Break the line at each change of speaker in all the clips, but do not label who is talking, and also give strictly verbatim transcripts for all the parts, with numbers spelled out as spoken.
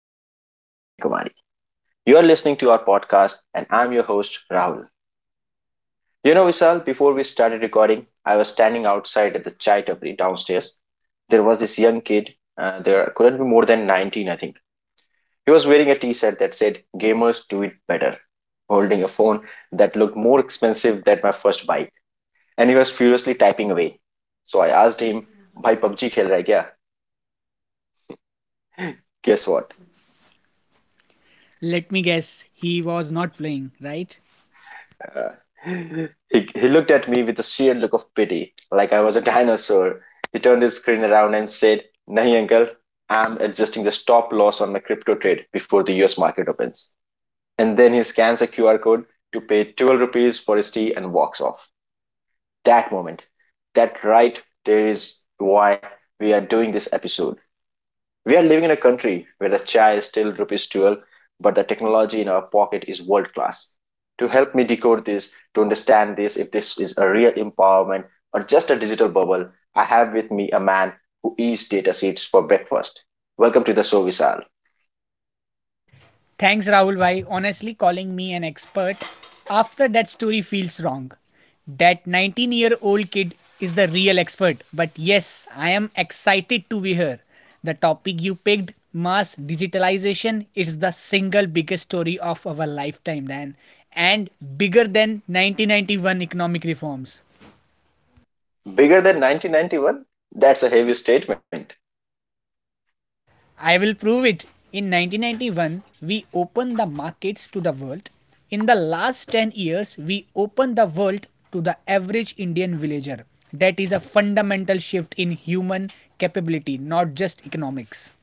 from Kashmir to Kanyakumari. You are listening to our podcast, and I'm your host, Rahul. You know, Vishal, before we started recording, I was standing outside at the chai tapri downstairs. There was this young kid, uh, there couldn't be more than nineteen, I think. He was wearing a t shirt that said, Gamers do it better, holding a phone that looked more expensive than my first bike, and he was furiously typing away. So I asked him, Bhai PUBG khel raha hai kya? Guess what?
Let me guess, he was not playing, right?
Uh, He, he looked at me with a sheer look of pity, like I was a dinosaur. He turned his screen around and said, Nahi uncle, I'm adjusting the stop loss on my crypto trade before the U S market opens. And then he scans a Q R code to pay 12 rupees for his tea and walks off. That moment, that right there is why we are doing this episode. We are living in a country where a chai is still rupees twelve, but the technology in our pocket is world class. To help me decode this, to understand this, if this is a real empowerment or just a digital bubble, I have with me a man who eats data seeds for breakfast. Welcome to the Sovisal.
Thanks, Rahul Bhai. Honestly, calling me an expert after that story feels wrong. That nineteen year old kid is the real expert. But yes, I am excited to be here. The topic you picked, mass digitalization, is the single biggest story of our lifetime, Dan, and bigger than nineteen ninety-one economic reforms.
Bigger than nineteen ninety-one? That's a heavy statement.
I will prove it. In nineteen ninety-one, we opened the markets to the world. In the last ten years, we opened the world to the average Indian villager. That is a fundamental shift in human capability, not just economics.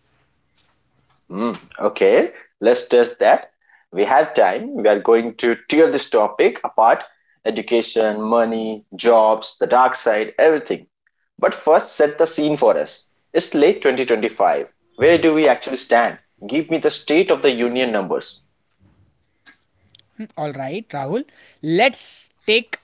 Mm, okay, let's test that. We have time. We are going to tear this topic apart education, money, jobs, the dark side, everything. But first, set the scene for us. It's late twenty twenty-five. Where do we actually stand? Give me the State of the Union numbers.
Hmm. All right, Rahul. Let's take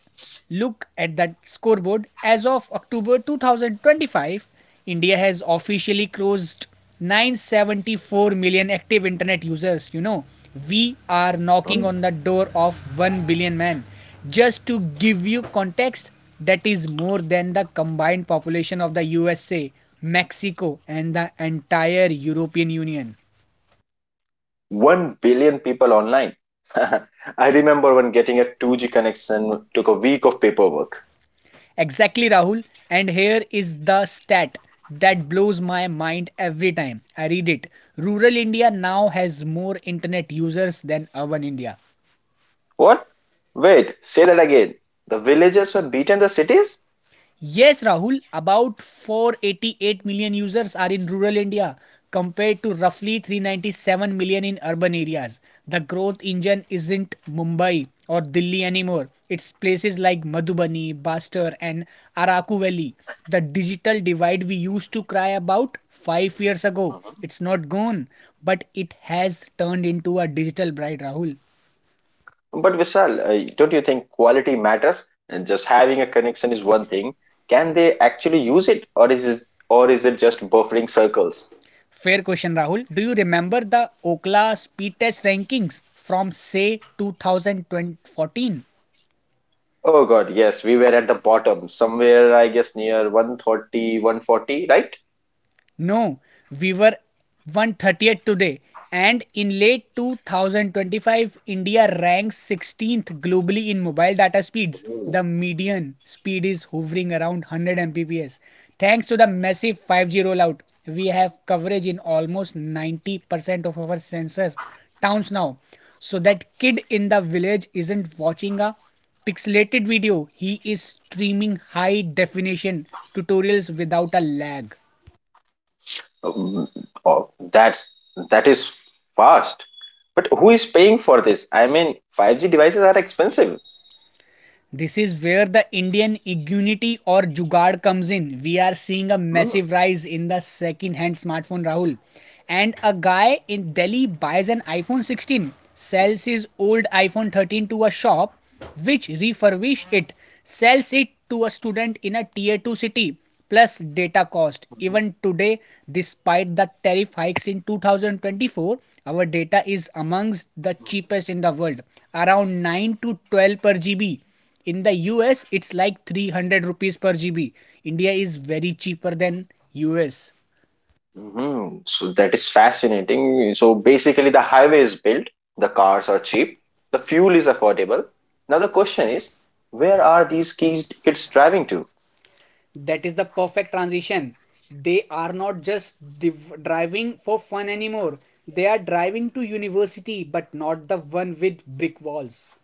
look at that scoreboard. As of October twenty twenty-five, India has officially crossed nine hundred seventy-four million active internet users. You know, we are knocking
Mm,
on the door of one billion, man. Just to give you context, that is more than the combined population of the U S A, Mexico, and the entire European Union.
1 billion people online. I remember when getting a two G connection took a week of paperwork.
Exactly, Rahul. And here is the stat that blows my mind every time I read it. Rural India now has more internet users than urban India.
What? Wait, say that again. The villages have beaten the cities?
Yes, Rahul, about four hundred eighty-eight million users are in rural India compared to roughly three hundred ninety-seven million in urban areas. The growth engine isn't Mumbai or Delhi anymore. It's places like Madhubani, Bastar and Araku Valley. The digital divide we used to cry about five years ago, it's not gone, but it has turned into a digital bride, Rahul.
But Vishal, uh, don't you think quality matters? And just having a connection is one thing. Can they actually use it, or is it, or is it just buffering circles?
Fair question, Rahul. Do you remember the Ookla speed test rankings from say twenty fourteen?
Oh God, yes, we were at the bottom, somewhere I guess near one thirty, one forty, right?
No, we were one hundred thirtieth today, and in late two thousand twenty-five, India ranks sixteenth globally in mobile data speeds.
Mhm.
The median speed is hovering around one hundred Mbps. Thanks to the massive five G rollout, we have coverage in almost ninety percent of our sensors towns now. So that kid in the village isn't watching a pixelated video, he is streaming high definition tutorials without a lag.
Um, Oh, that's that is fast. But who is paying for this? I mean, five G devices are expensive.
This is where the Indian Igunity or Jugaad comes in. We are seeing a
Hmm?
massive rise in the second-hand smartphone, Rahul. And a guy in Delhi buys an iPhone sixteen, sells his old iPhone thirteen to a shop, which refurbish it, sells it to a student in a tier two city, plus data cost.
Mhm.
Even today, despite the tariff hikes in twenty twenty-four, our data is amongst the cheapest in the world, around nine to twelve per G B. In the U S it's like three hundred rupees per G B. India is very cheaper than U S.
hmm So that is fascinating. So basically, the highway is built, the cars are cheap, the fuel is affordable. Now, the question is, where are these kids, kids driving to?
That is the perfect transition. They are not just div- driving for fun anymore. They are driving to university, but not the one with brick walls.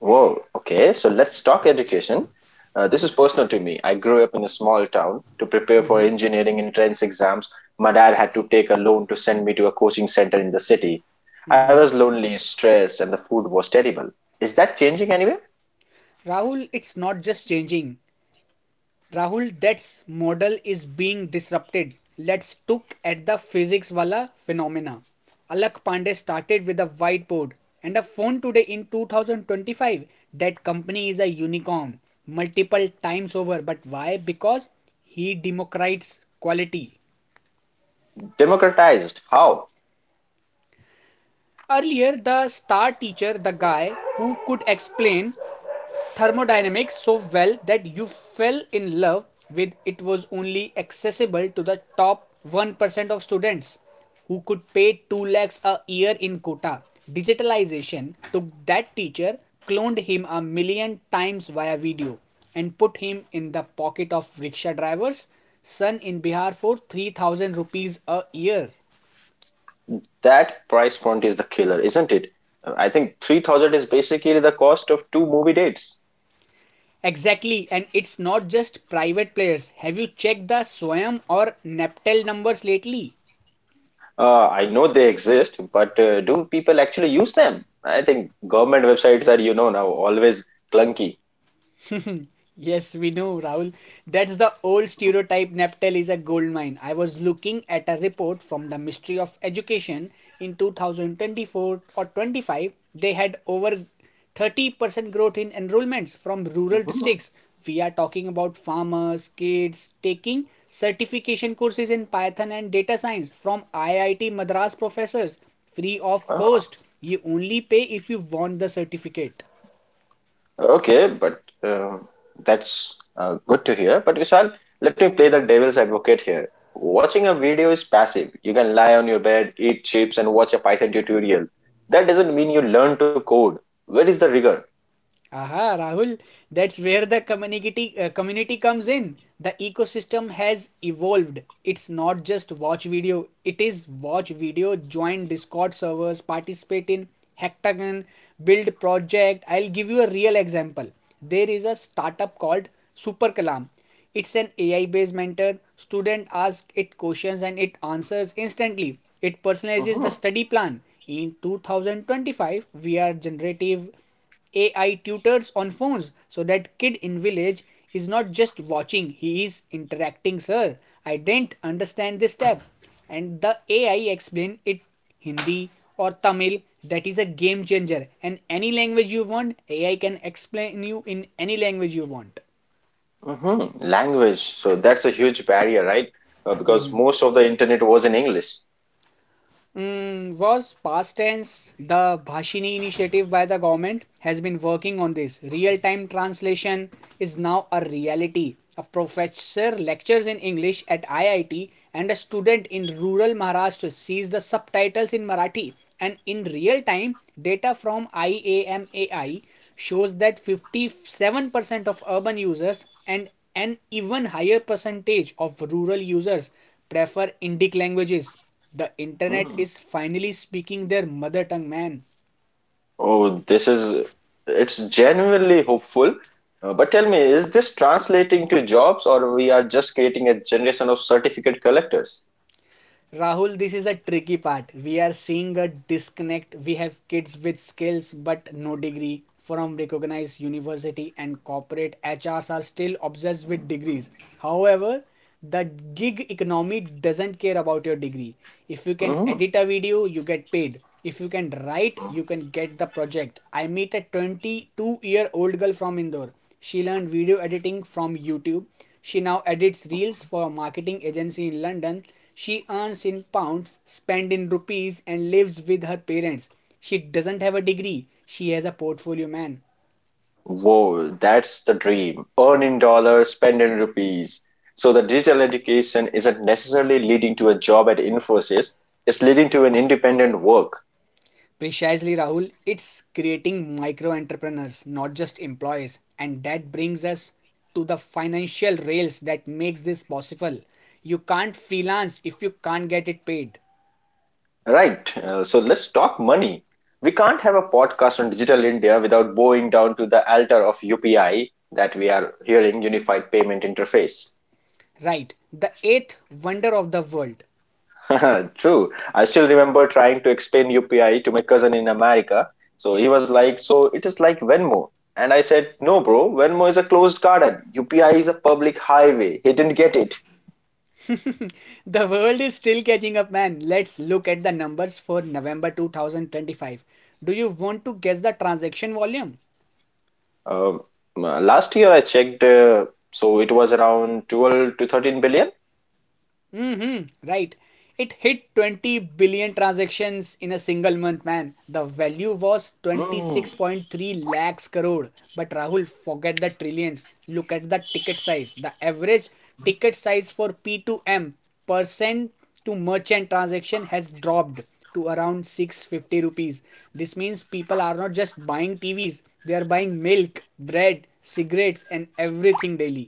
Whoa, okay, so let's talk education. Uh, this is personal to me. I grew up in a small town. To prepare for
Hmm.
engineering entrance exams, my dad had to take a loan to send me to a coaching center in the city. I was
Hmm.
lonely, stressed, and the food was terrible. Is that changing anyway?
Rahul, it's not just changing, Rahul, that's model is being disrupted. Let's look at the physics wala phenomena. Alak Pandey started with a whiteboard and a phone today in twenty twenty-five. That company is a unicorn multiple times over. But why? Because he democratized quality.
Democratized. How?
Earlier, the star teacher, the guy who could explain thermodynamics so well that you fell in love with it, was only accessible to the top one percent of students who could pay two lakhs a year in quota. Digitalization took that teacher, cloned him a million times via video, and put him in the pocket of rickshaw drivers, son in Bihar for three thousand rupees a year.
That price point is the killer, isn't it? Uh, I think three thousand is basically the cost of two movie dates.
Exactly, and it's not just private players. Have you checked the Swayam or Naptel numbers lately?
Uh, I know they exist, but uh, do people actually use them? I think government websites are, you know, now always clunky.
Yes, we know, Rahul. That's the old stereotype. Neptel is a gold mine. I was looking at a report from the Ministry of Education in two thousand twenty-four or twenty-five. They had over thirty percent growth in enrollments from rural
Hmm,
districts. We are talking about farmers, kids taking certification courses in Python and data science from I I T Madras professors, free of cost. You only pay if you want the certificate.
okay, but um that's uh, good to hear. But Vishal, let me play the devil's advocate here. Watching a video is passive. You can lie on your bed, eat chips, and watch a Python tutorial. That doesn't mean you learn to code. Where is the rigor?
Aha, Rahul, that's where the community uh, community comes in. The ecosystem has evolved. It's not just watch video. It is watch video, join Discord servers, participate in hackathon, build project. I'll give you a real example. There is a startup called Super Kalam. It's an A I-based mentor. Student ask it questions and it answers instantly. It personalizes the
Mm-hmm.
study plan. In twenty twenty-five, we are generative A I tutors on phones so that kid in village is not just watching, he is interacting, sir. I didn't understand this tab. And the A I explain it Hindi or Tamil. That is a game changer. And any language you want, A I can explain you in any language you want.
hmm Language. So that's a huge barrier, right? Uh, because
Mhm.
most of the internet was in English.
Mm, was past tense. The Bhashini initiative by the government has been working on this. Real time translation is now a reality. A professor lectures in English at I I T and a student in rural Maharashtra sees the subtitles in Marathi. And in real time, data from I A M A I shows that fifty-seven percent of urban users and an even higher percentage of rural users prefer Indic languages. The internet
Mm.
is finally speaking their mother tongue, man.
Oh, this is, it's genuinely hopeful. Uh, but tell me, is this translating to jobs or we are just creating a generation of certificate collectors?
Rahul, this is a tricky part. We are seeing a disconnect. We have kids with skills but no degree from recognized university, and corporate H Rs are still obsessed with degrees. However, the gig economy doesn't care about your degree. If you can
Hmm.
edit a video, you get paid. If you can write, you can get the project. I meet a twenty-two year old girl from Indore. She learned video editing from YouTube. She now edits reels for a marketing agency in London. She earns in pounds, spends in rupees, and lives with her parents. She doesn't have a degree, she has a portfolio, man.
Whoa, that's the dream. Earn in dollars, spend in rupees. So the digital education isn't necessarily leading to a job at Infosys, it's leading to an independent work.
Precisely, Rahul. It's creating micro entrepreneurs, not just employees. And that brings us to the financial rails that makes this possible. You can't freelance if you can't get it paid.
Right. Uh, so let's talk money. We can't have a podcast on digital India without bowing down to the altar of U P I that we are hearing Unified Payment Interface.
Right, the eighth wonder of the world.
True. I still remember trying to explain U P I to my cousin in America. So he was like, So it is like Venmo. And I said, No, bro, Venmo is a closed garden. U P I is a public highway. He didn't get it.
The world is still catching up, man. Let's look at the numbers for November twenty twenty-five. Do you want to guess the transaction volume?
Um, uh, last year I checked, uh, so it was around twelve to 13 billion.
Mm-hmm, right. It hit twenty billion transactions in a single month, man. The value was
Hmm.
twenty-six point three lakhs crore. But Rahul, forget the trillions. Look at the ticket size. The average ticket size for P two M, percent to merchant transaction, has dropped to around six hundred fifty rupees. This means people are not just buying T Vs, they are buying milk, bread, cigarettes, and everything daily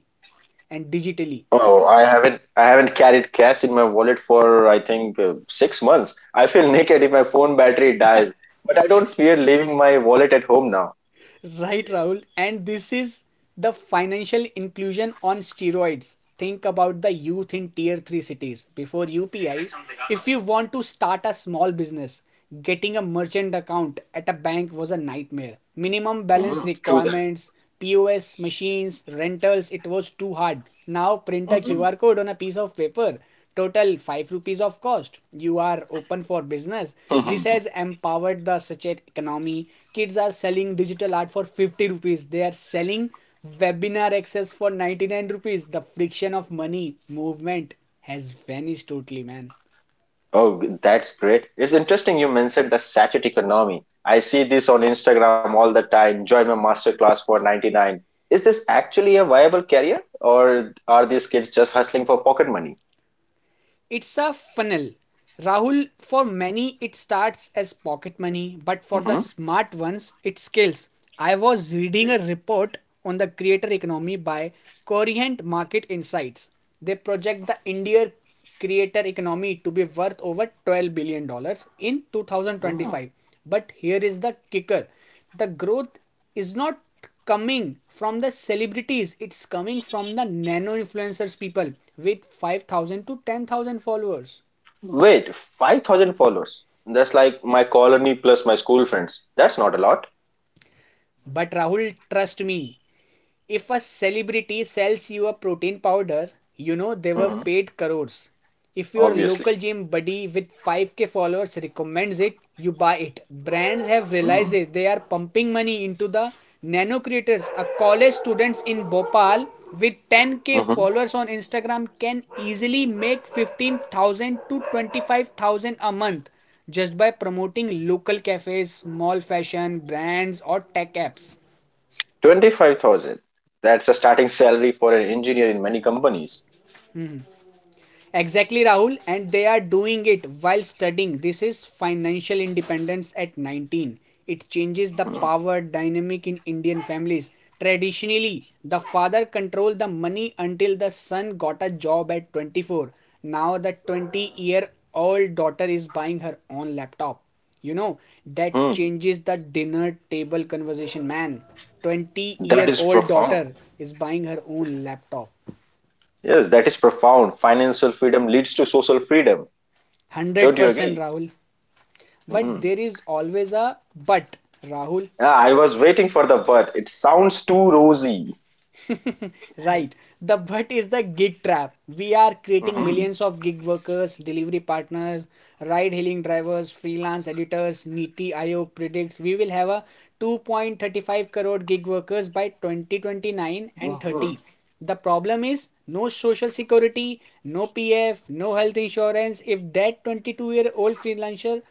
and digitally.
Oh, I haven't I haven't carried cash in my wallet for I think uh, six months. I feel naked if my phone battery dies, but I don't fear leaving my wallet at home now.
Right, Rahul. And this is the financial inclusion on steroids. Think about the youth in tier three cities before U P I. If you want to start a small business, getting a merchant account at a bank was a nightmare. Minimum balance
Hmm. True
requirements, P O S machines, rentals, it was too hard. Now print a
that.
Q R code on a piece of paper. Total five rupees of cost. You are open for business. This
Hmm.
has empowered the sachet economy. Kids are selling digital art for fifty rupees. They are selling webinar access for ninety-nine rupees. The friction of money movement has vanished totally, man.
Oh, that's great. It's interesting you mentioned the sachet economy. I see this on Instagram all the time. Join my masterclass for ninety-nine. Is this actually a viable career, or are these kids just hustling for pocket money?
It's a funnel. Rahul, for many it starts as pocket money, but for the smart ones it scales. I was reading a report on the creator economy by Corient Market Insights. They project the India creator economy to be worth over twelve billion dollars in
Hmm.
two thousand twenty-five. But here is the kicker, the growth is not coming from the celebrities, it's coming from the nano influencers, people with five thousand to ten thousand followers.
Wait, five thousand followers. That's like my colony plus my school friends. That's not a lot.
But Rahul, trust me, if a celebrity sells you a protein powder, you know they were
Hmm,
paid crores. If your local
obviously.
gym buddy with five k followers recommends it, you buy it. Brands have realized
Mm.
it. They are pumping money into the nano creators. A college student in Bhopal with ten k
Hmm.
followers on Instagram can easily make fifteen thousand to twenty-five thousand a month just by promoting local cafes, small fashion brands, or tech apps.
twenty-five thousand. That's a starting salary for an engineer in many companies.
Hmm. Exactly, Rahul, and they are doing it while studying. This is financial independence at nineteen. It changes the
Mm.
power dynamic in Indian families. Traditionally, the father controlled the money until the son got a job at twenty-four. Now, the twenty year old daughter is buying her own laptop. You know, that
Hmm.
changes the dinner table conversation, man. 20
That That
year
is
old
profound.
daughter is buying her own laptop.
Yes, that is profound. Financial freedom leads to social freedom. Don't you
one hundred percent
agree?
Rahul. But
Hmm.
there is always a but, Rahul.
Yeah, I was waiting for the but. It sounds too rosy.
right. The but is the gig trap. We are creating millions of gig workers, delivery partners, ride hailing drivers, freelance editors. Niti Aayog predicts we will have a two point three five crore gig workers by twenty twenty-nine and
Hmm.
thirty. The problem is no social security, no P F, no health insurance. If that twenty-two year old freelancer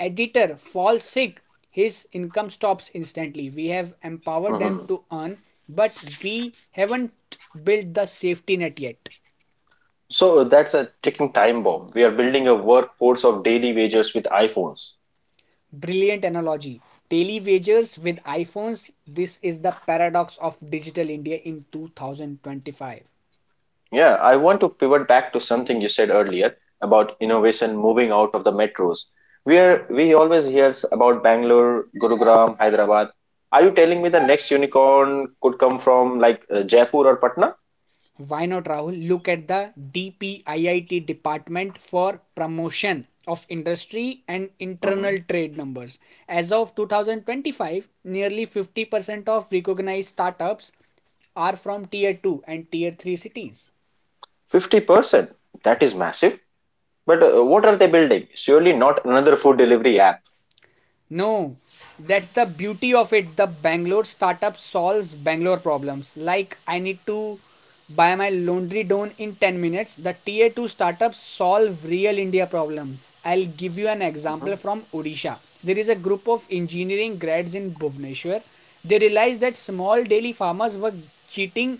editor falls sick, his income stops instantly. We have empowered them
Mhm.
to earn, but we haven't built the safety net yet.
So that's a ticking time bomb. We are building a workforce of daily wagers with iPhones.
Brilliant analogy. Daily wagers with iPhones. This is the paradox of digital India in twenty twenty-five.
Yeah, I want to pivot back to something you said earlier about innovation moving out of the metros. We are we always hear about Bangalore, Gurugram, Hyderabad. Are you telling me the next unicorn could come from like uh, Jaipur or Patna?
Why not, Rahul? Look at the D P I I T Department for Promotion of Industry and
Mhm.
Internal Trade numbers. As of two thousand twenty-five, nearly fifty percent of recognized startups are from tier two and tier three cities.
Fifty percent. That is massive. But uh, what are they building? Surely not another food delivery app.
No, that's the beauty of it. The Bangalore startup solves Bangalore problems. Like I need to buy my laundry done in ten minutes. The tier two startups solve real India problems. I'll give you an example
Mhm,
from Odisha. There is a group of engineering grads in Bhubaneswar. They realized that small dairy farmers were cheating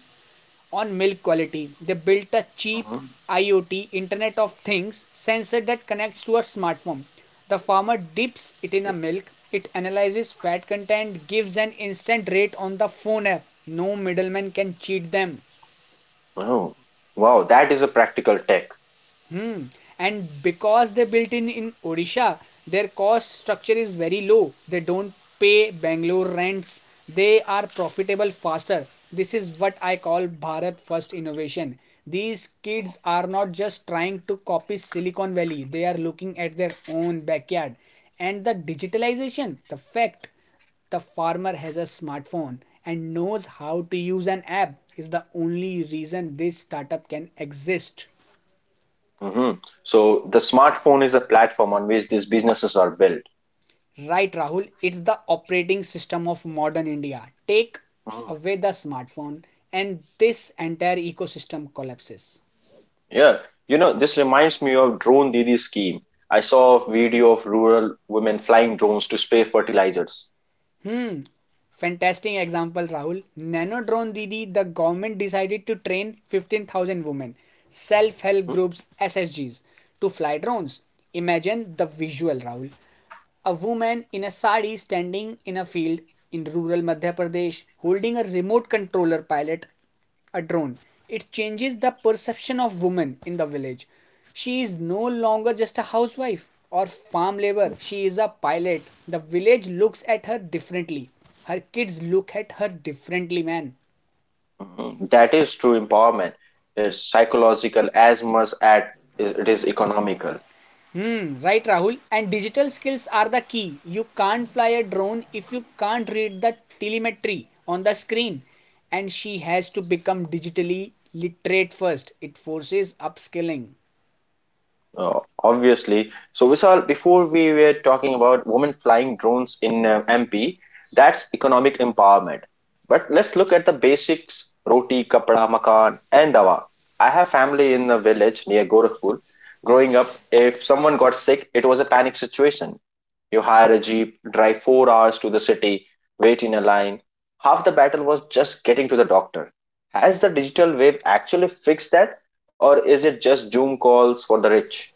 on milk quality. They built a cheap
mhm.
IoT Internet of Things sensor that connects to a smartphone. The farmer dips it in a
Okay.
milk, it analyzes fat content, gives an instant rate on the phone app. No middleman can cheat them.
Oh, wow! That is a practical tech.
Hmm. And because they built in in Odisha, their cost structure is very low. They don't pay Bangalore rents. They are profitable faster. This is what I call Bharat first innovation. These kids are not just trying to copy Silicon Valley. They are looking at their own backyard. And the digitalization, the fact the farmer has a smartphone and knows how to use an app is the only reason this startup can exist.
Hmm. So the smartphone is a platform on which these businesses are built.
Right, Rahul, it's the operating system of modern India. Take
Mhm.
away the smartphone, and this entire ecosystem collapses.
Yeah, you know, this reminds me of Drone Didi scheme. I saw a video of rural women flying drones to spray fertilizers.
Hmm, fantastic example, Rahul. Nanodrone Didi, the government decided to train fifteen thousand women, self help groups, S S Gs, to fly drones. Imagine the visual, Rahul. A woman in a sari standing in a field in rural Madhya Pradesh holding a remote controller pilot, a drone. It changes the perception of women in the village. She is no longer just a housewife or farm labor.
Mhm.
She is a pilot. The village looks at her differently. Her kids look at her differently, man.
Mhm. That is true empowerment. It's psychological as much as it is economical.
Hmm, right, Rahul. And digital skills are the key. You can't fly a drone if you can't read the telemetry on the screen. And she has to become digitally literate first. It forces upskilling.
Uh, obviously. So, Vishal, before we were talking about women flying drones in uh, M P, that's economic empowerment. But let's look at the basics roti, kapda, makan, and dawa. I have family in a village near Gorakhpur. Growing up, if someone got sick, it was a panic situation. You hire a jeep, drive four hours to the city, wait in a line. Half the battle was just getting to the doctor. Has the digital wave actually fixed that, or is it just Zoom calls for the rich?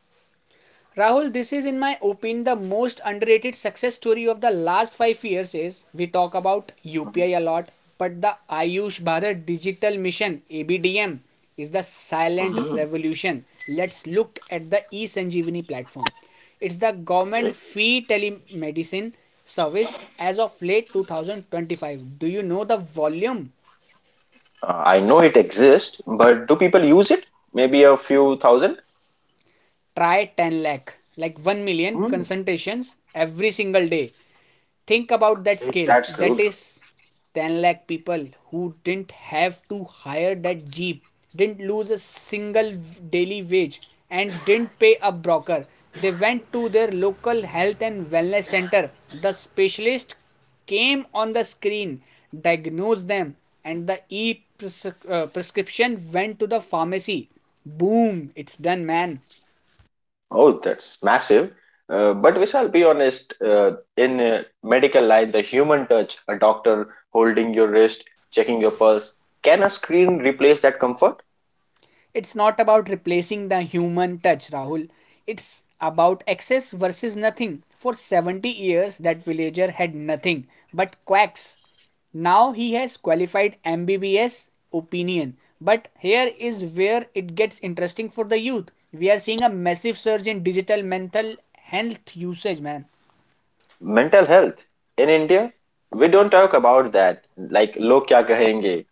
Rahul, this is, in my opinion, the most underrated success story of the last five years. Is we talk about
Mhm.
U P I a lot, but the Ayush Bharat Digital Mission (A B D M) is the silent
Mhm.
revolution. Let's look at the eSanjeevani platform. It's the
Okay.
government fee telemedicine service as of late twenty twenty-five. Do you know the volume?
Uh, I know it exists, but do people use it? Maybe a few thousand?
Try ten lakh, like one million
Hmm.
consultations every single day. Think about that
Okay.
scale.
That's
That
good.
is ten lakh people who didn't have to hire that jeep, didn't lose a single daily wage, and didn't pay a broker. They went to their local health and wellness center. The specialist came on the screen, diagnosed them, and the e prescription went to the pharmacy. Boom, it's done, man.
Oh, that's massive. Uh, but we shall be honest, uh, in uh, medical line, the human touch, a doctor holding your wrist, checking your pulse, can a screen replace that comfort?
It's not about replacing the human touch, Rahul. It's about excess versus nothing. For seventy years, that villager had nothing but quacks. Now he has qualified M B B S opinion. But here is where it gets interesting for the youth. We are seeing a massive surge in digital mental health usage, man.
Mental health in India, we don't talk about that. Like, log kya kahenge?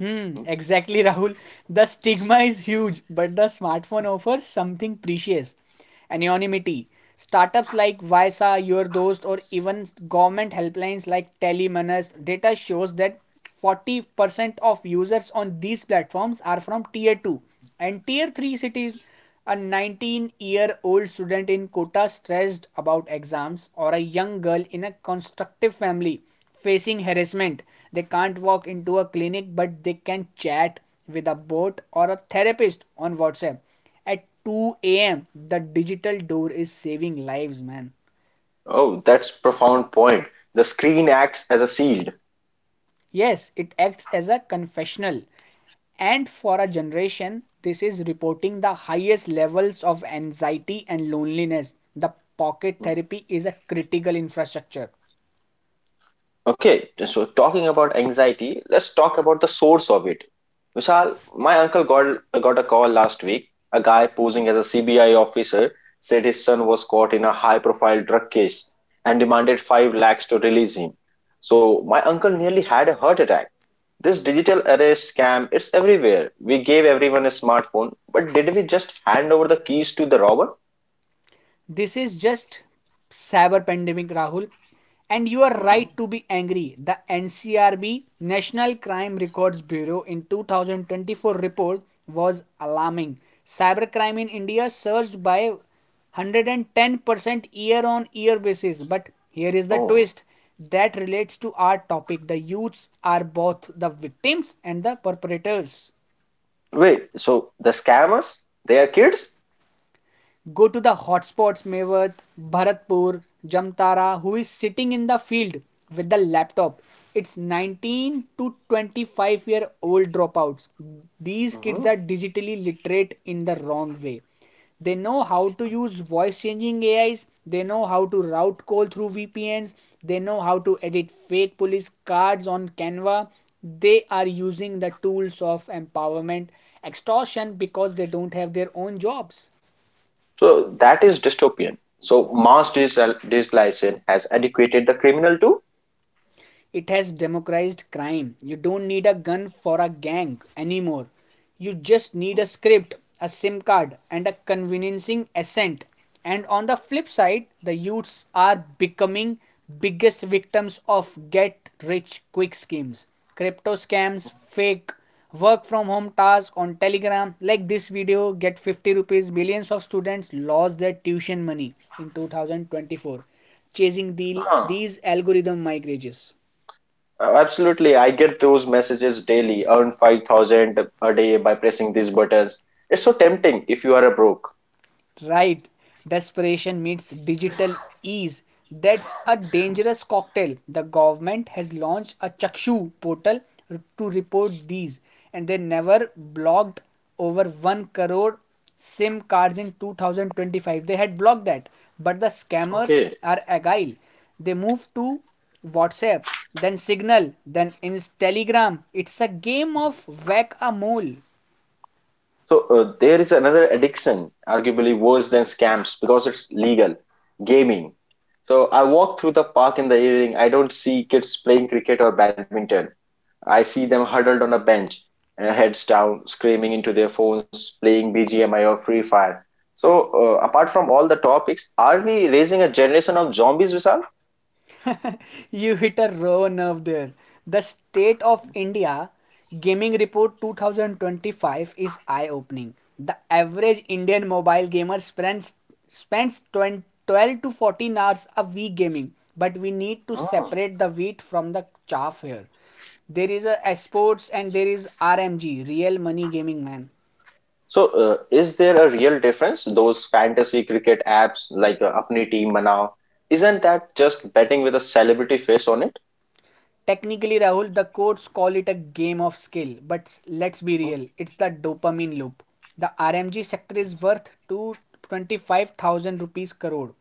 Hmm,
Hmm.
exactly, Rahul. The stigma is huge, but the smartphone offers something precious, anonymity. Startups like Vysa, Your Dost, or even government helplines like Telemanus, data shows that forty percent of users on these platforms are from tier two and tier three cities. A nineteen year old student in Kota stressed about exams, or a young girl in a constructive family facing harassment. They can't walk into a clinic, but they can chat with a bot or a therapist on WhatsApp. At two a m, the digital door is saving lives, man.
Oh, that's profound point. The screen acts as a shield.
Yes, it acts as a confessional. And for a generation, this is reporting the highest levels of anxiety and loneliness. The pocket
Hmm?
therapy is a critical infrastructure.
Okay, so talking about anxiety, let's talk about the source of it. Vishal, my uncle got got a call last week. A guy posing as a C B I officer said his son was caught in a high-profile drug case and demanded five lakhs to release him. So my uncle nearly had a heart attack. This digital arrest scam, it's everywhere. We gave everyone a smartphone, but did we just hand over the keys to the robber?
This is just cyber pandemic, Rahul. And you are right
Mhm.
to be angry. The N C R B, National Crime Records Bureau, in twenty twenty-four report was alarming. Cybercrime in India surged by one hundred ten percent year on year basis. But here is the
Oh,
twist that relates to our topic. The youths are both the victims and the perpetrators.
wait. So the scammers, they are kids?
Go to the hotspots Mevat, Bharatpur, Jamtara, who is sitting in the field with the laptop. It's nineteen to twenty-five year old dropouts. These kids are digitally literate in the wrong way. They know how to use voice changing A Is, they know how to route call through V P Ns, they know how to edit fake police cards on Canva. They are using the tools of empowerment extortion because they don't have their own jobs.
So that is dystopian. So mass digital has educated the criminal too.
It has democratized crime. You don't need a gun for a gang anymore. You just need a script, a SIM card, and a convincing accent. And on the flip side, the youths are becoming biggest victims of get rich quick schemes, crypto scams, fake work from home tasks on Telegram. Like this video, get fifty rupees. Millions of students lost their tuition money in twenty twenty-four chasing the,
Huh.
these algorithm migrages.
Uh, Absolutely, I get those messages daily. Earn five thousand a day by pressing these buttons. It's so tempting if you are a broke.
Right. Desperation meets digital ease. That's a dangerous cocktail. The government has launched a Chakshu portal to report these, and they never blocked over one crore SIM cards in two thousand twenty-five. They had blocked that, but the scammers
Okay.
are agile. They move to WhatsApp, then Signal, then Inst- Telegram. It's a game of whack a mole.
So uh, there is another addiction, arguably worse than scams because it's legal, gaming. So I walk through the park in the evening. I don't see kids playing cricket or badminton. I see them huddled on a bench, uh, heads down, screaming into their phones, playing B G M I or Free Fire. So, uh, apart from all the topics, are we raising a generation of zombies, Vishal?
You hit a raw nerve there. The State of India Gaming Report twenty twenty-five is eye-opening. The average Indian mobile gamer spends spends twelve to fourteen hours a week gaming, but we need to
Oh.
separate the wheat from the chaff here. There is a sports and there is R M G, real money gaming man.
So, uh, is there a real difference? Those fantasy cricket apps like uh, Apni Team Manao, isn't that just betting with a celebrity face on it?
Technically, Rahul, the courts call it a game of skill, but let's be real, it's the dopamine loop. The R M G sector is worth two hundred twenty-five thousand rupees crore.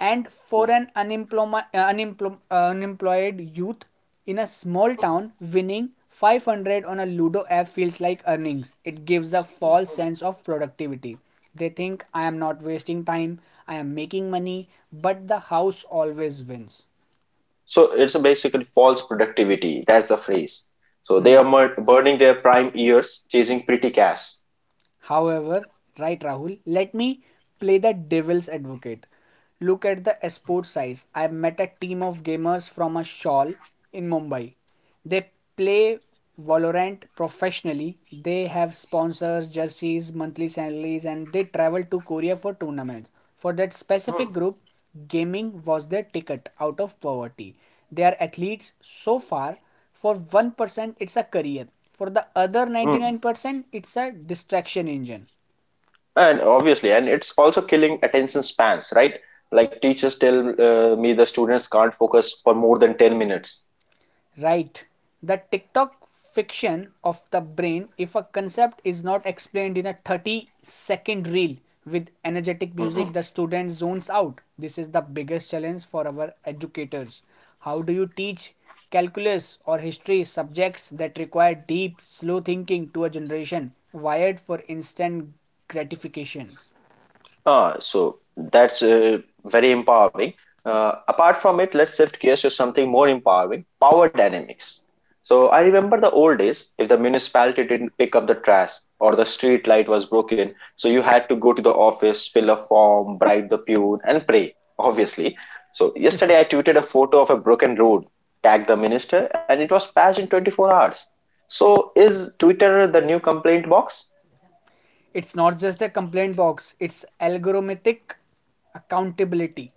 And for
Okay.
an unemployed, unemployed, unemployed youth in a small town, winning five hundred on a Ludo app feels like earnings. It gives a false sense of productivity. They think I am not wasting time, I am making money, but the house always wins.
So, it's a basically false productivity. That's the phrase. So, they
Hmm.
are mur- burning their prime years chasing pretty cash.
However, right, Rahul, let me play the devil's advocate. Look at the esport size. I met a team of gamers from a shawl in Mumbai. They play Valorant professionally, they have sponsors, jerseys, monthly salaries, and they travel to Korea for tournaments. For that specific
Hmm.
group, gaming was their ticket out of poverty. They are athletes so far for one percent, it's a career. For the other
Hmm.
ninety-nine percent, it's a distraction engine.
And obviously, and it's also killing attention spans, right? Like, teachers tell uh, me the students can't focus for more than 10 minutes.
Right. The TikTok fiction of the brain, if a concept is not explained in a thirty second reel with energetic music,
Mhm.
the student zones out. This is the biggest challenge for our educators. How do you teach calculus or history subjects that require deep slow thinking to a generation wired for instant gratification?
Ah, so that's uh, very empowering. Uh, apart from it, let's shift gears to something more empowering power dynamics. So I remember the old days, if the municipality didn't pick up the trash or the street light was broken, so you had to go to the office, fill a form, bribe the peon, and pray, obviously. So yesterday I tweeted a photo of a broken road, tagged the minister, and it was patched in 24 hours. So is Twitter the new complaint box?
It's not just a complaint box, it's algorithmic accountability.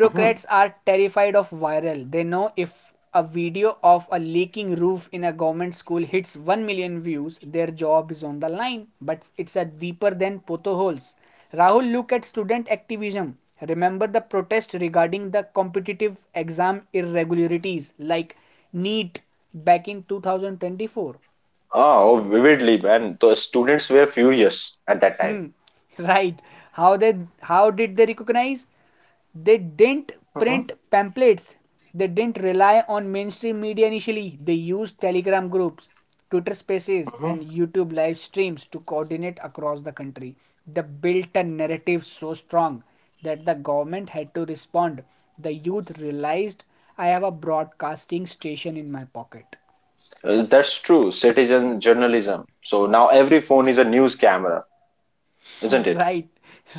Mm-hmm.
are terrified of viral. They know if a video of a leaking roof in a government school hits one million views, their job is on the line. But it's a deeper than potholes. Rahul, look at student activism. Remember the protest regarding the competitive exam irregularities like NEET back in two thousand twenty-four.
Ah, oh, Vividly, man. The students were furious at that time.
Hmm, right. How they how did they recognize? They didn't
Mhm,
print pamphlets. They didn't rely on mainstream media initially. They used Telegram groups, Twitter spaces,
mhm.
and YouTube live streams to coordinate across the country. They built a narrative so strong that the government had to respond. The youth realized I have a broadcasting station in my pocket.
Uh, That's true. Citizen journalism. So now every phone is a news camera, isn't it?
Right,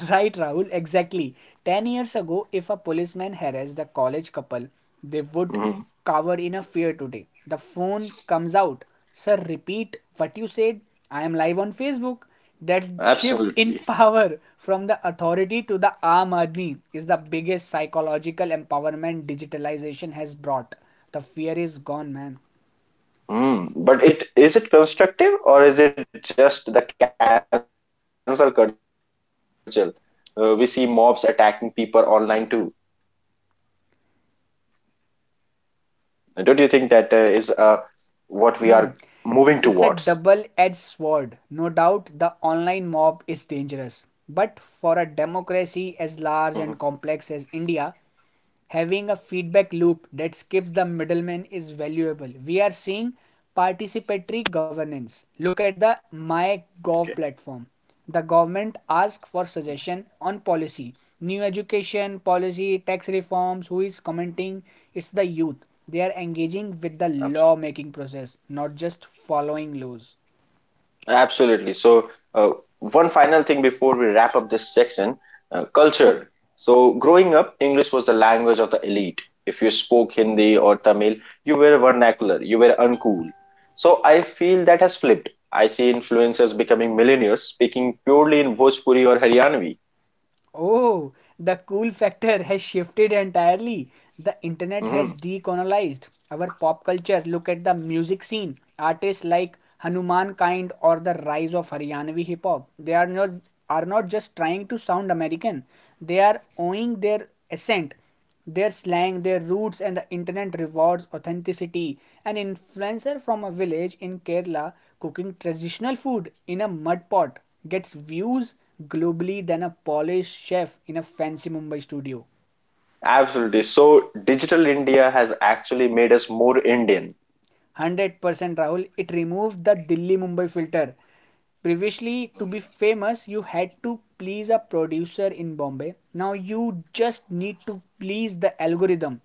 right, Rahul, exactly. ten years ago, if a policeman harassed a college couple, they would
Mhm.
cower in a fear today. The phone comes out. Sir, repeat what you said. I am live on Facebook. That shift in
Absolutely.
power from the authority to the arm army is the biggest psychological empowerment digitalization has brought. The fear is gone, man.
Mm. But it is it constructive or is it just the cancel culture? Uh, we see mobs attacking people online too. Don't you think that uh, is uh, what we are moving towards?
Hmm. It's a double edged sword. No doubt the online mob is dangerous. But for a
Mhm.
democracy as large and complex as India, having a feedback loop that skips the middleman is valuable. We are seeing participatory governance. Look at the
Okay.
MyGov platform. The government asks for suggestion on policy, new education policy, tax reforms, who is commenting? It's the youth. They are engaging with the law making process, not just following laws.
Absolutely. So, uh, one final thing before we wrap up this section, uh, culture. So, growing up, English was the language of the elite. If you spoke Hindi or Tamil, you were vernacular, you were uncool. So, I feel that has flipped. I see influencers becoming millionaires speaking purely in Bhojpuri or Haryanvi.
Oh, the cool factor has shifted entirely. The internet has
Mhm.
decolonized our pop culture. Look at the music scene. Artists like Hanuman Kind or the rise of Haryanvi hip hop. They are not are not just trying to sound American. They are owning their accent, their slang, their roots, and the internet rewards authenticity. An influencer from a village in Kerala cooking traditional food in a mud pot gets views globally than a polished chef in a fancy Mumbai studio.
Absolutely. So, digital India has actually made us more Indian.
one hundred percent Rahul. It removed the Delhi Mumbai filter. Previously, to be famous, you had to please a producer in Bombay. Now you just need to please the algorithm.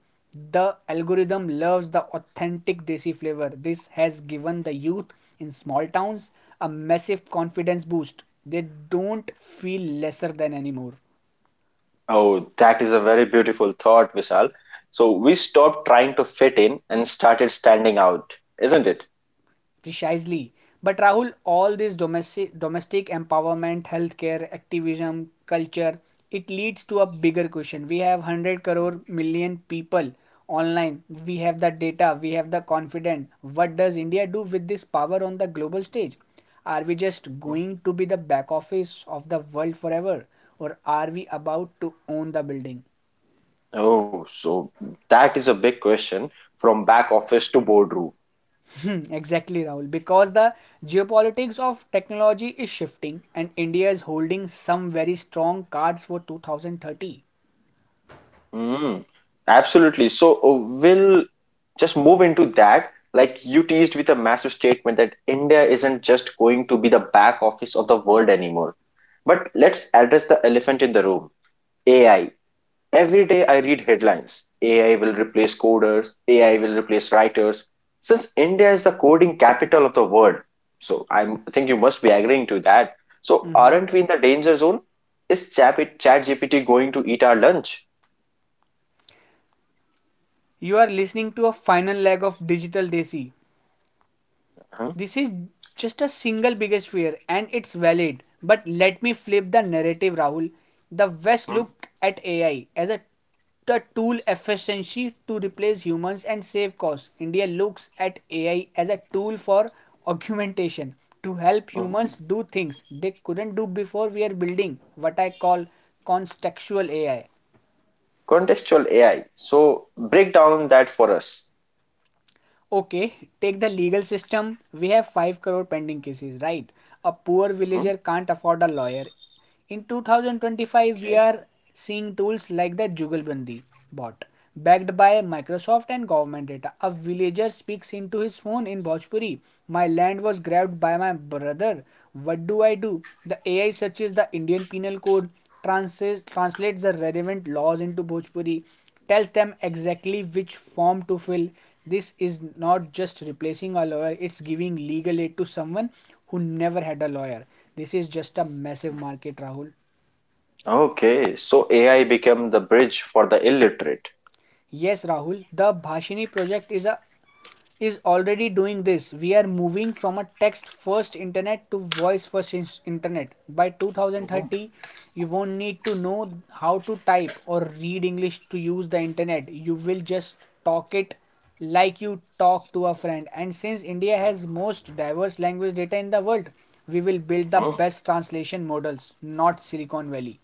The algorithm loves the authentic desi flavor. This has given the youth in small towns a massive confidence boost. They don't feel lesser than anymore.
Oh, that is a very beautiful thought, Vishal. So we stopped trying to fit in and started standing out, isn't it?
Precisely. But Rahul, all this domestic domestic empowerment, healthcare, activism, culture, it leads to a bigger question. We have one hundred crore million people online. We have the data, we have the confidence. What does India do with this power on the global stage? Are we just
Hmm.
going to be the back office of the world forever, or are we about to own the building?
Oh, so that is a big question, from back office to boardroom.
Hmm, Exactly, Rahul. Because the geopolitics of technology is shifting, and India is holding some very strong cards for twenty thirty.
Mm, absolutely. So uh, we'll just move into that. Like you teased with a massive statement that India isn't just going to be the back office of the world anymore. But let's address the elephant in the room: A I. Every day I read headlines, A I will replace coders, A I will replace writers. Since India is the coding capital of the world, so I'm- I think you must be agreeing to that. So
Mhm.
aren't we in the danger zone? Is Chat G P T going to eat our lunch?
You are listening to a final leg of Digital Desi.
Huh?
This is just a single biggest fear and it's valid. But let me flip the narrative, Rahul. The West look
Hmm.
at A I as a t- tool efficiency to replace humans and save costs. India looks at A I as a tool for augmentation, to help humans
Mhm.
do things they couldn't do before. We are building what I call contextual A I.
Contextual A I. So break down that for us.
Okay, take the legal system. We have five crore pending cases, right? A poor
Hmm?
villager can't afford a lawyer. In two thousand twenty-five, we
Okay.
are seeing tools like the Jugalbandi bot, backed by Microsoft and government data. A villager speaks into his phone in Bhojpuri. "My land was grabbed by my brother. What do I do?" The A I searches the Indian Penal Code, translates, translates the relevant laws into Bhojpuri, tells them exactly which form to fill. This is not just replacing a lawyer, it's giving legal aid to someone who never had a lawyer. This is just a massive market, Rahul.
Okay. So A I become the bridge for the illiterate.
Yes, Rahul, the Bhashini project is a is already doing this. We are moving from a text first internet to voice first internet. By
Mhm.
twenty thirty, you won't need to know how to type or read English to use the internet. You will just talk it like you talk to a friend. And since India has most diverse language data in the world, we will build the best translation models, not Silicon Valley.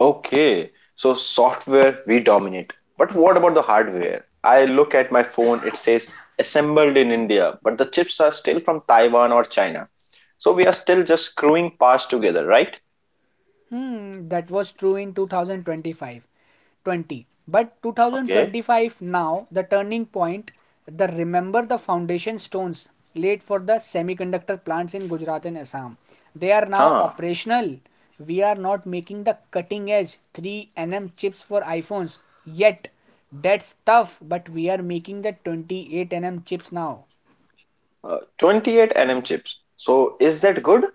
Okay, so software we dominate. But what about the hardware? I look at my phone, it says assembled in India, but the chips are still from Taiwan or China. So we are still just screwing parts together, right?
Hmm, that was true in two thousand twenty-five twenty, but
Okay.
two thousand twenty-five now the turning point. The remember the foundation stones laid for the semiconductor plants in Gujarat and Assam, they are now
Huh.
operational. We are not making the cutting edge three nanometer chips for iPhones yet, that's tough, but we are making the twenty-eight nanometer chips now.
Uh, twenty-eight nm chips. So is that good?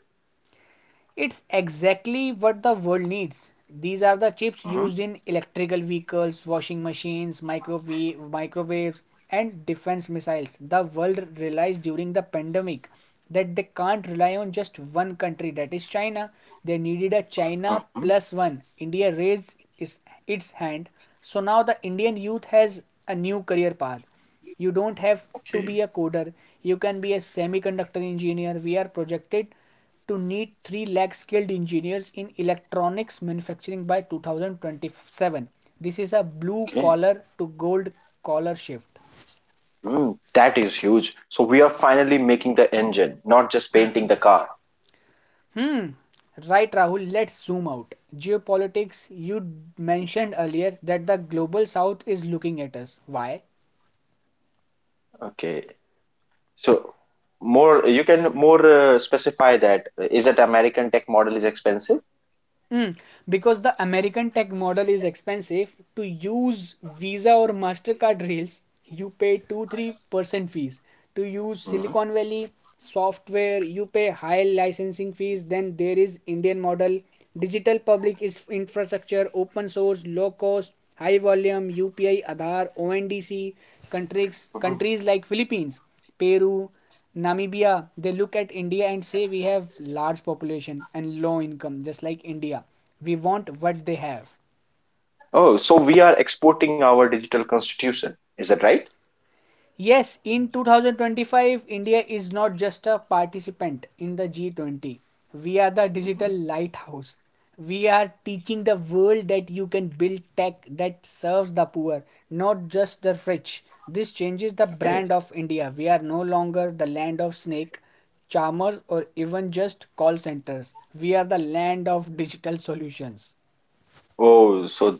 It's exactly what the world needs. These are the chips used in electrical vehicles, washing machines, microwave, microwaves, and defense missiles. The world realized during the pandemic that they can't rely on just one country, that is China. They needed a China plus one. India raised its hand. So now the Indian youth has a new career path. You don't have to
Okay.
be a coder, you can be a semiconductor engineer. We are projected to need three lakh skilled engineers in electronics manufacturing by twenty twenty-seven. This is a blue
Okay.
collar to gold collar shift.
Mm, that is huge. So we are finally making the engine, not just painting the car.
Hmm, right, Rahul, let's zoom out. Geopolitics, you mentioned earlier that the global south is looking at us. Why?
Okay. So more you can more uh, specify that, is that American tech model is expensive?
Mm, because the American tech model is expensive. To use Visa or MasterCard reels, you pay two-three percent fees. To use
Mhm.
Silicon Valley software, you pay high licensing fees. Then there is Indian model. Digital public is infrastructure, open source, low cost, high volume, U P I, Aadhaar, O N D C, countries, countries like Philippines, Peru, Namibia, they look at India and say we have large population and low income, just like India. We want what they have.
Oh, so we are exporting our digital constitution. Is that right?
Yes, in two thousand twenty-five, India is not just a participant in the G twenty. We are the digital lighthouse. We are teaching the world that you can build tech that serves the poor, not just the rich. This changes the
Okay.
brand of India. We are no longer the land of snake charmers or even just call centers. We are the land of digital solutions.
Oh, so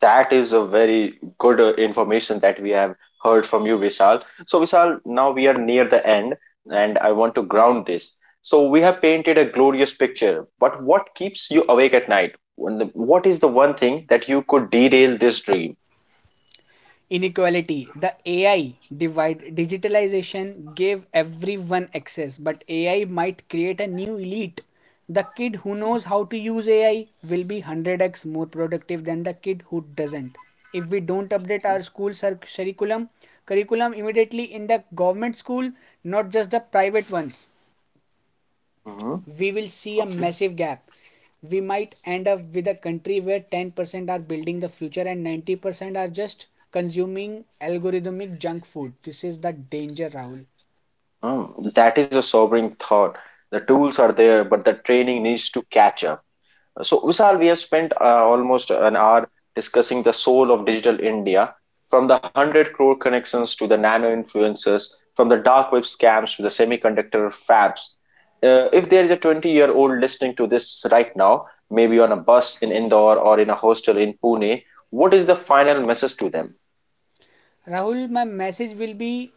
that is a very good uh, information that we have heard from you, Vishal. So, Vishal, now we are near the end, and I want to ground this. So, we have painted a glorious picture, but what keeps you awake at night? When the- What is the one thing that you could derail this dream?
Inequality, the AI divide. Digitalization gave everyone access, but AI might create a new elite. The kid who knows how to use AI will be one hundred x more productive than the kid who doesn't. If we don't update
Okay.
our school curriculum curriculum immediately in the government school, not just the private ones,
Hmm.
we will see a
Okay.
massive gap. We might end up with a country where ten percent are building the future and ninety percent are just consuming algorithmic junk food. This is the danger, Rahul.
Oh, that is a sobering thought. The tools are there, but the training needs to catch up. So, Vishal, we have spent uh, almost an hour discussing the soul of digital India, from the one hundred crore connections to the nano influencers, from the dark web scams to the semiconductor fabs. Uh, if there is a twenty year old listening to this right now, maybe on a bus in Indore or in a hostel in Pune, what is the final message to them?
Rahul, my message will be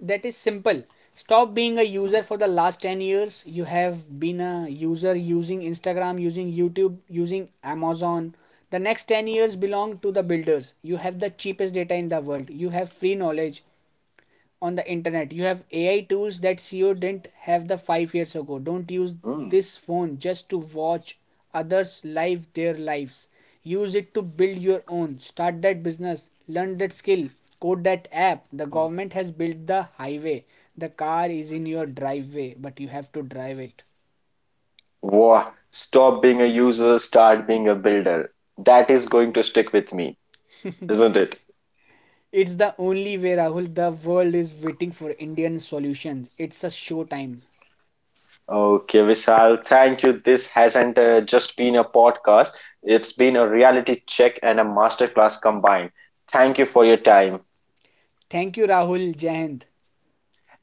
that is simple. Stop being a user. For the last ten years, you have been a user, using Instagram, using YouTube, using Amazon. The next ten years belong to the builders. You have the cheapest data in the world. You have free knowledge on the internet. You have A I tools that C E O didn't have the five years ago. Don't use
Hmm.
this phone just to watch others live their lives. Use it to build your own. Start that business. Learn that skill. Code that app. The
Hmm.
government has built the highway. The car is in your driveway, but you have to drive it.
Wow, stop being a user, start being a builder. That is going to stick with me, isn't it?
It's the only way, Rahul. The world is waiting for Indian solutions. It's a showtime.
Okay, Vishal, thank you. This hasn't uh, just been a podcast, it's been a reality check and a masterclass combined. Thank you for your time.
Thank you, Rahul. Jai Hind.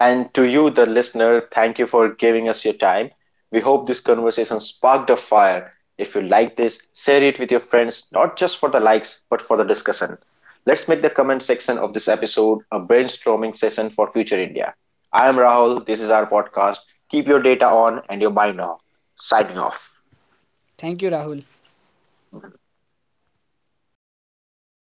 And to you, the listener, thank you for giving us your time. We hope this conversation sparked a fire. If you like this, share it with your friends, not just for the likes, but for the discussion. Let's make the comment section of this episode a brainstorming session for future India. I am Rahul. This is our podcast. Keep your data on and your mind off. Signing off.
Thank you, Rahul.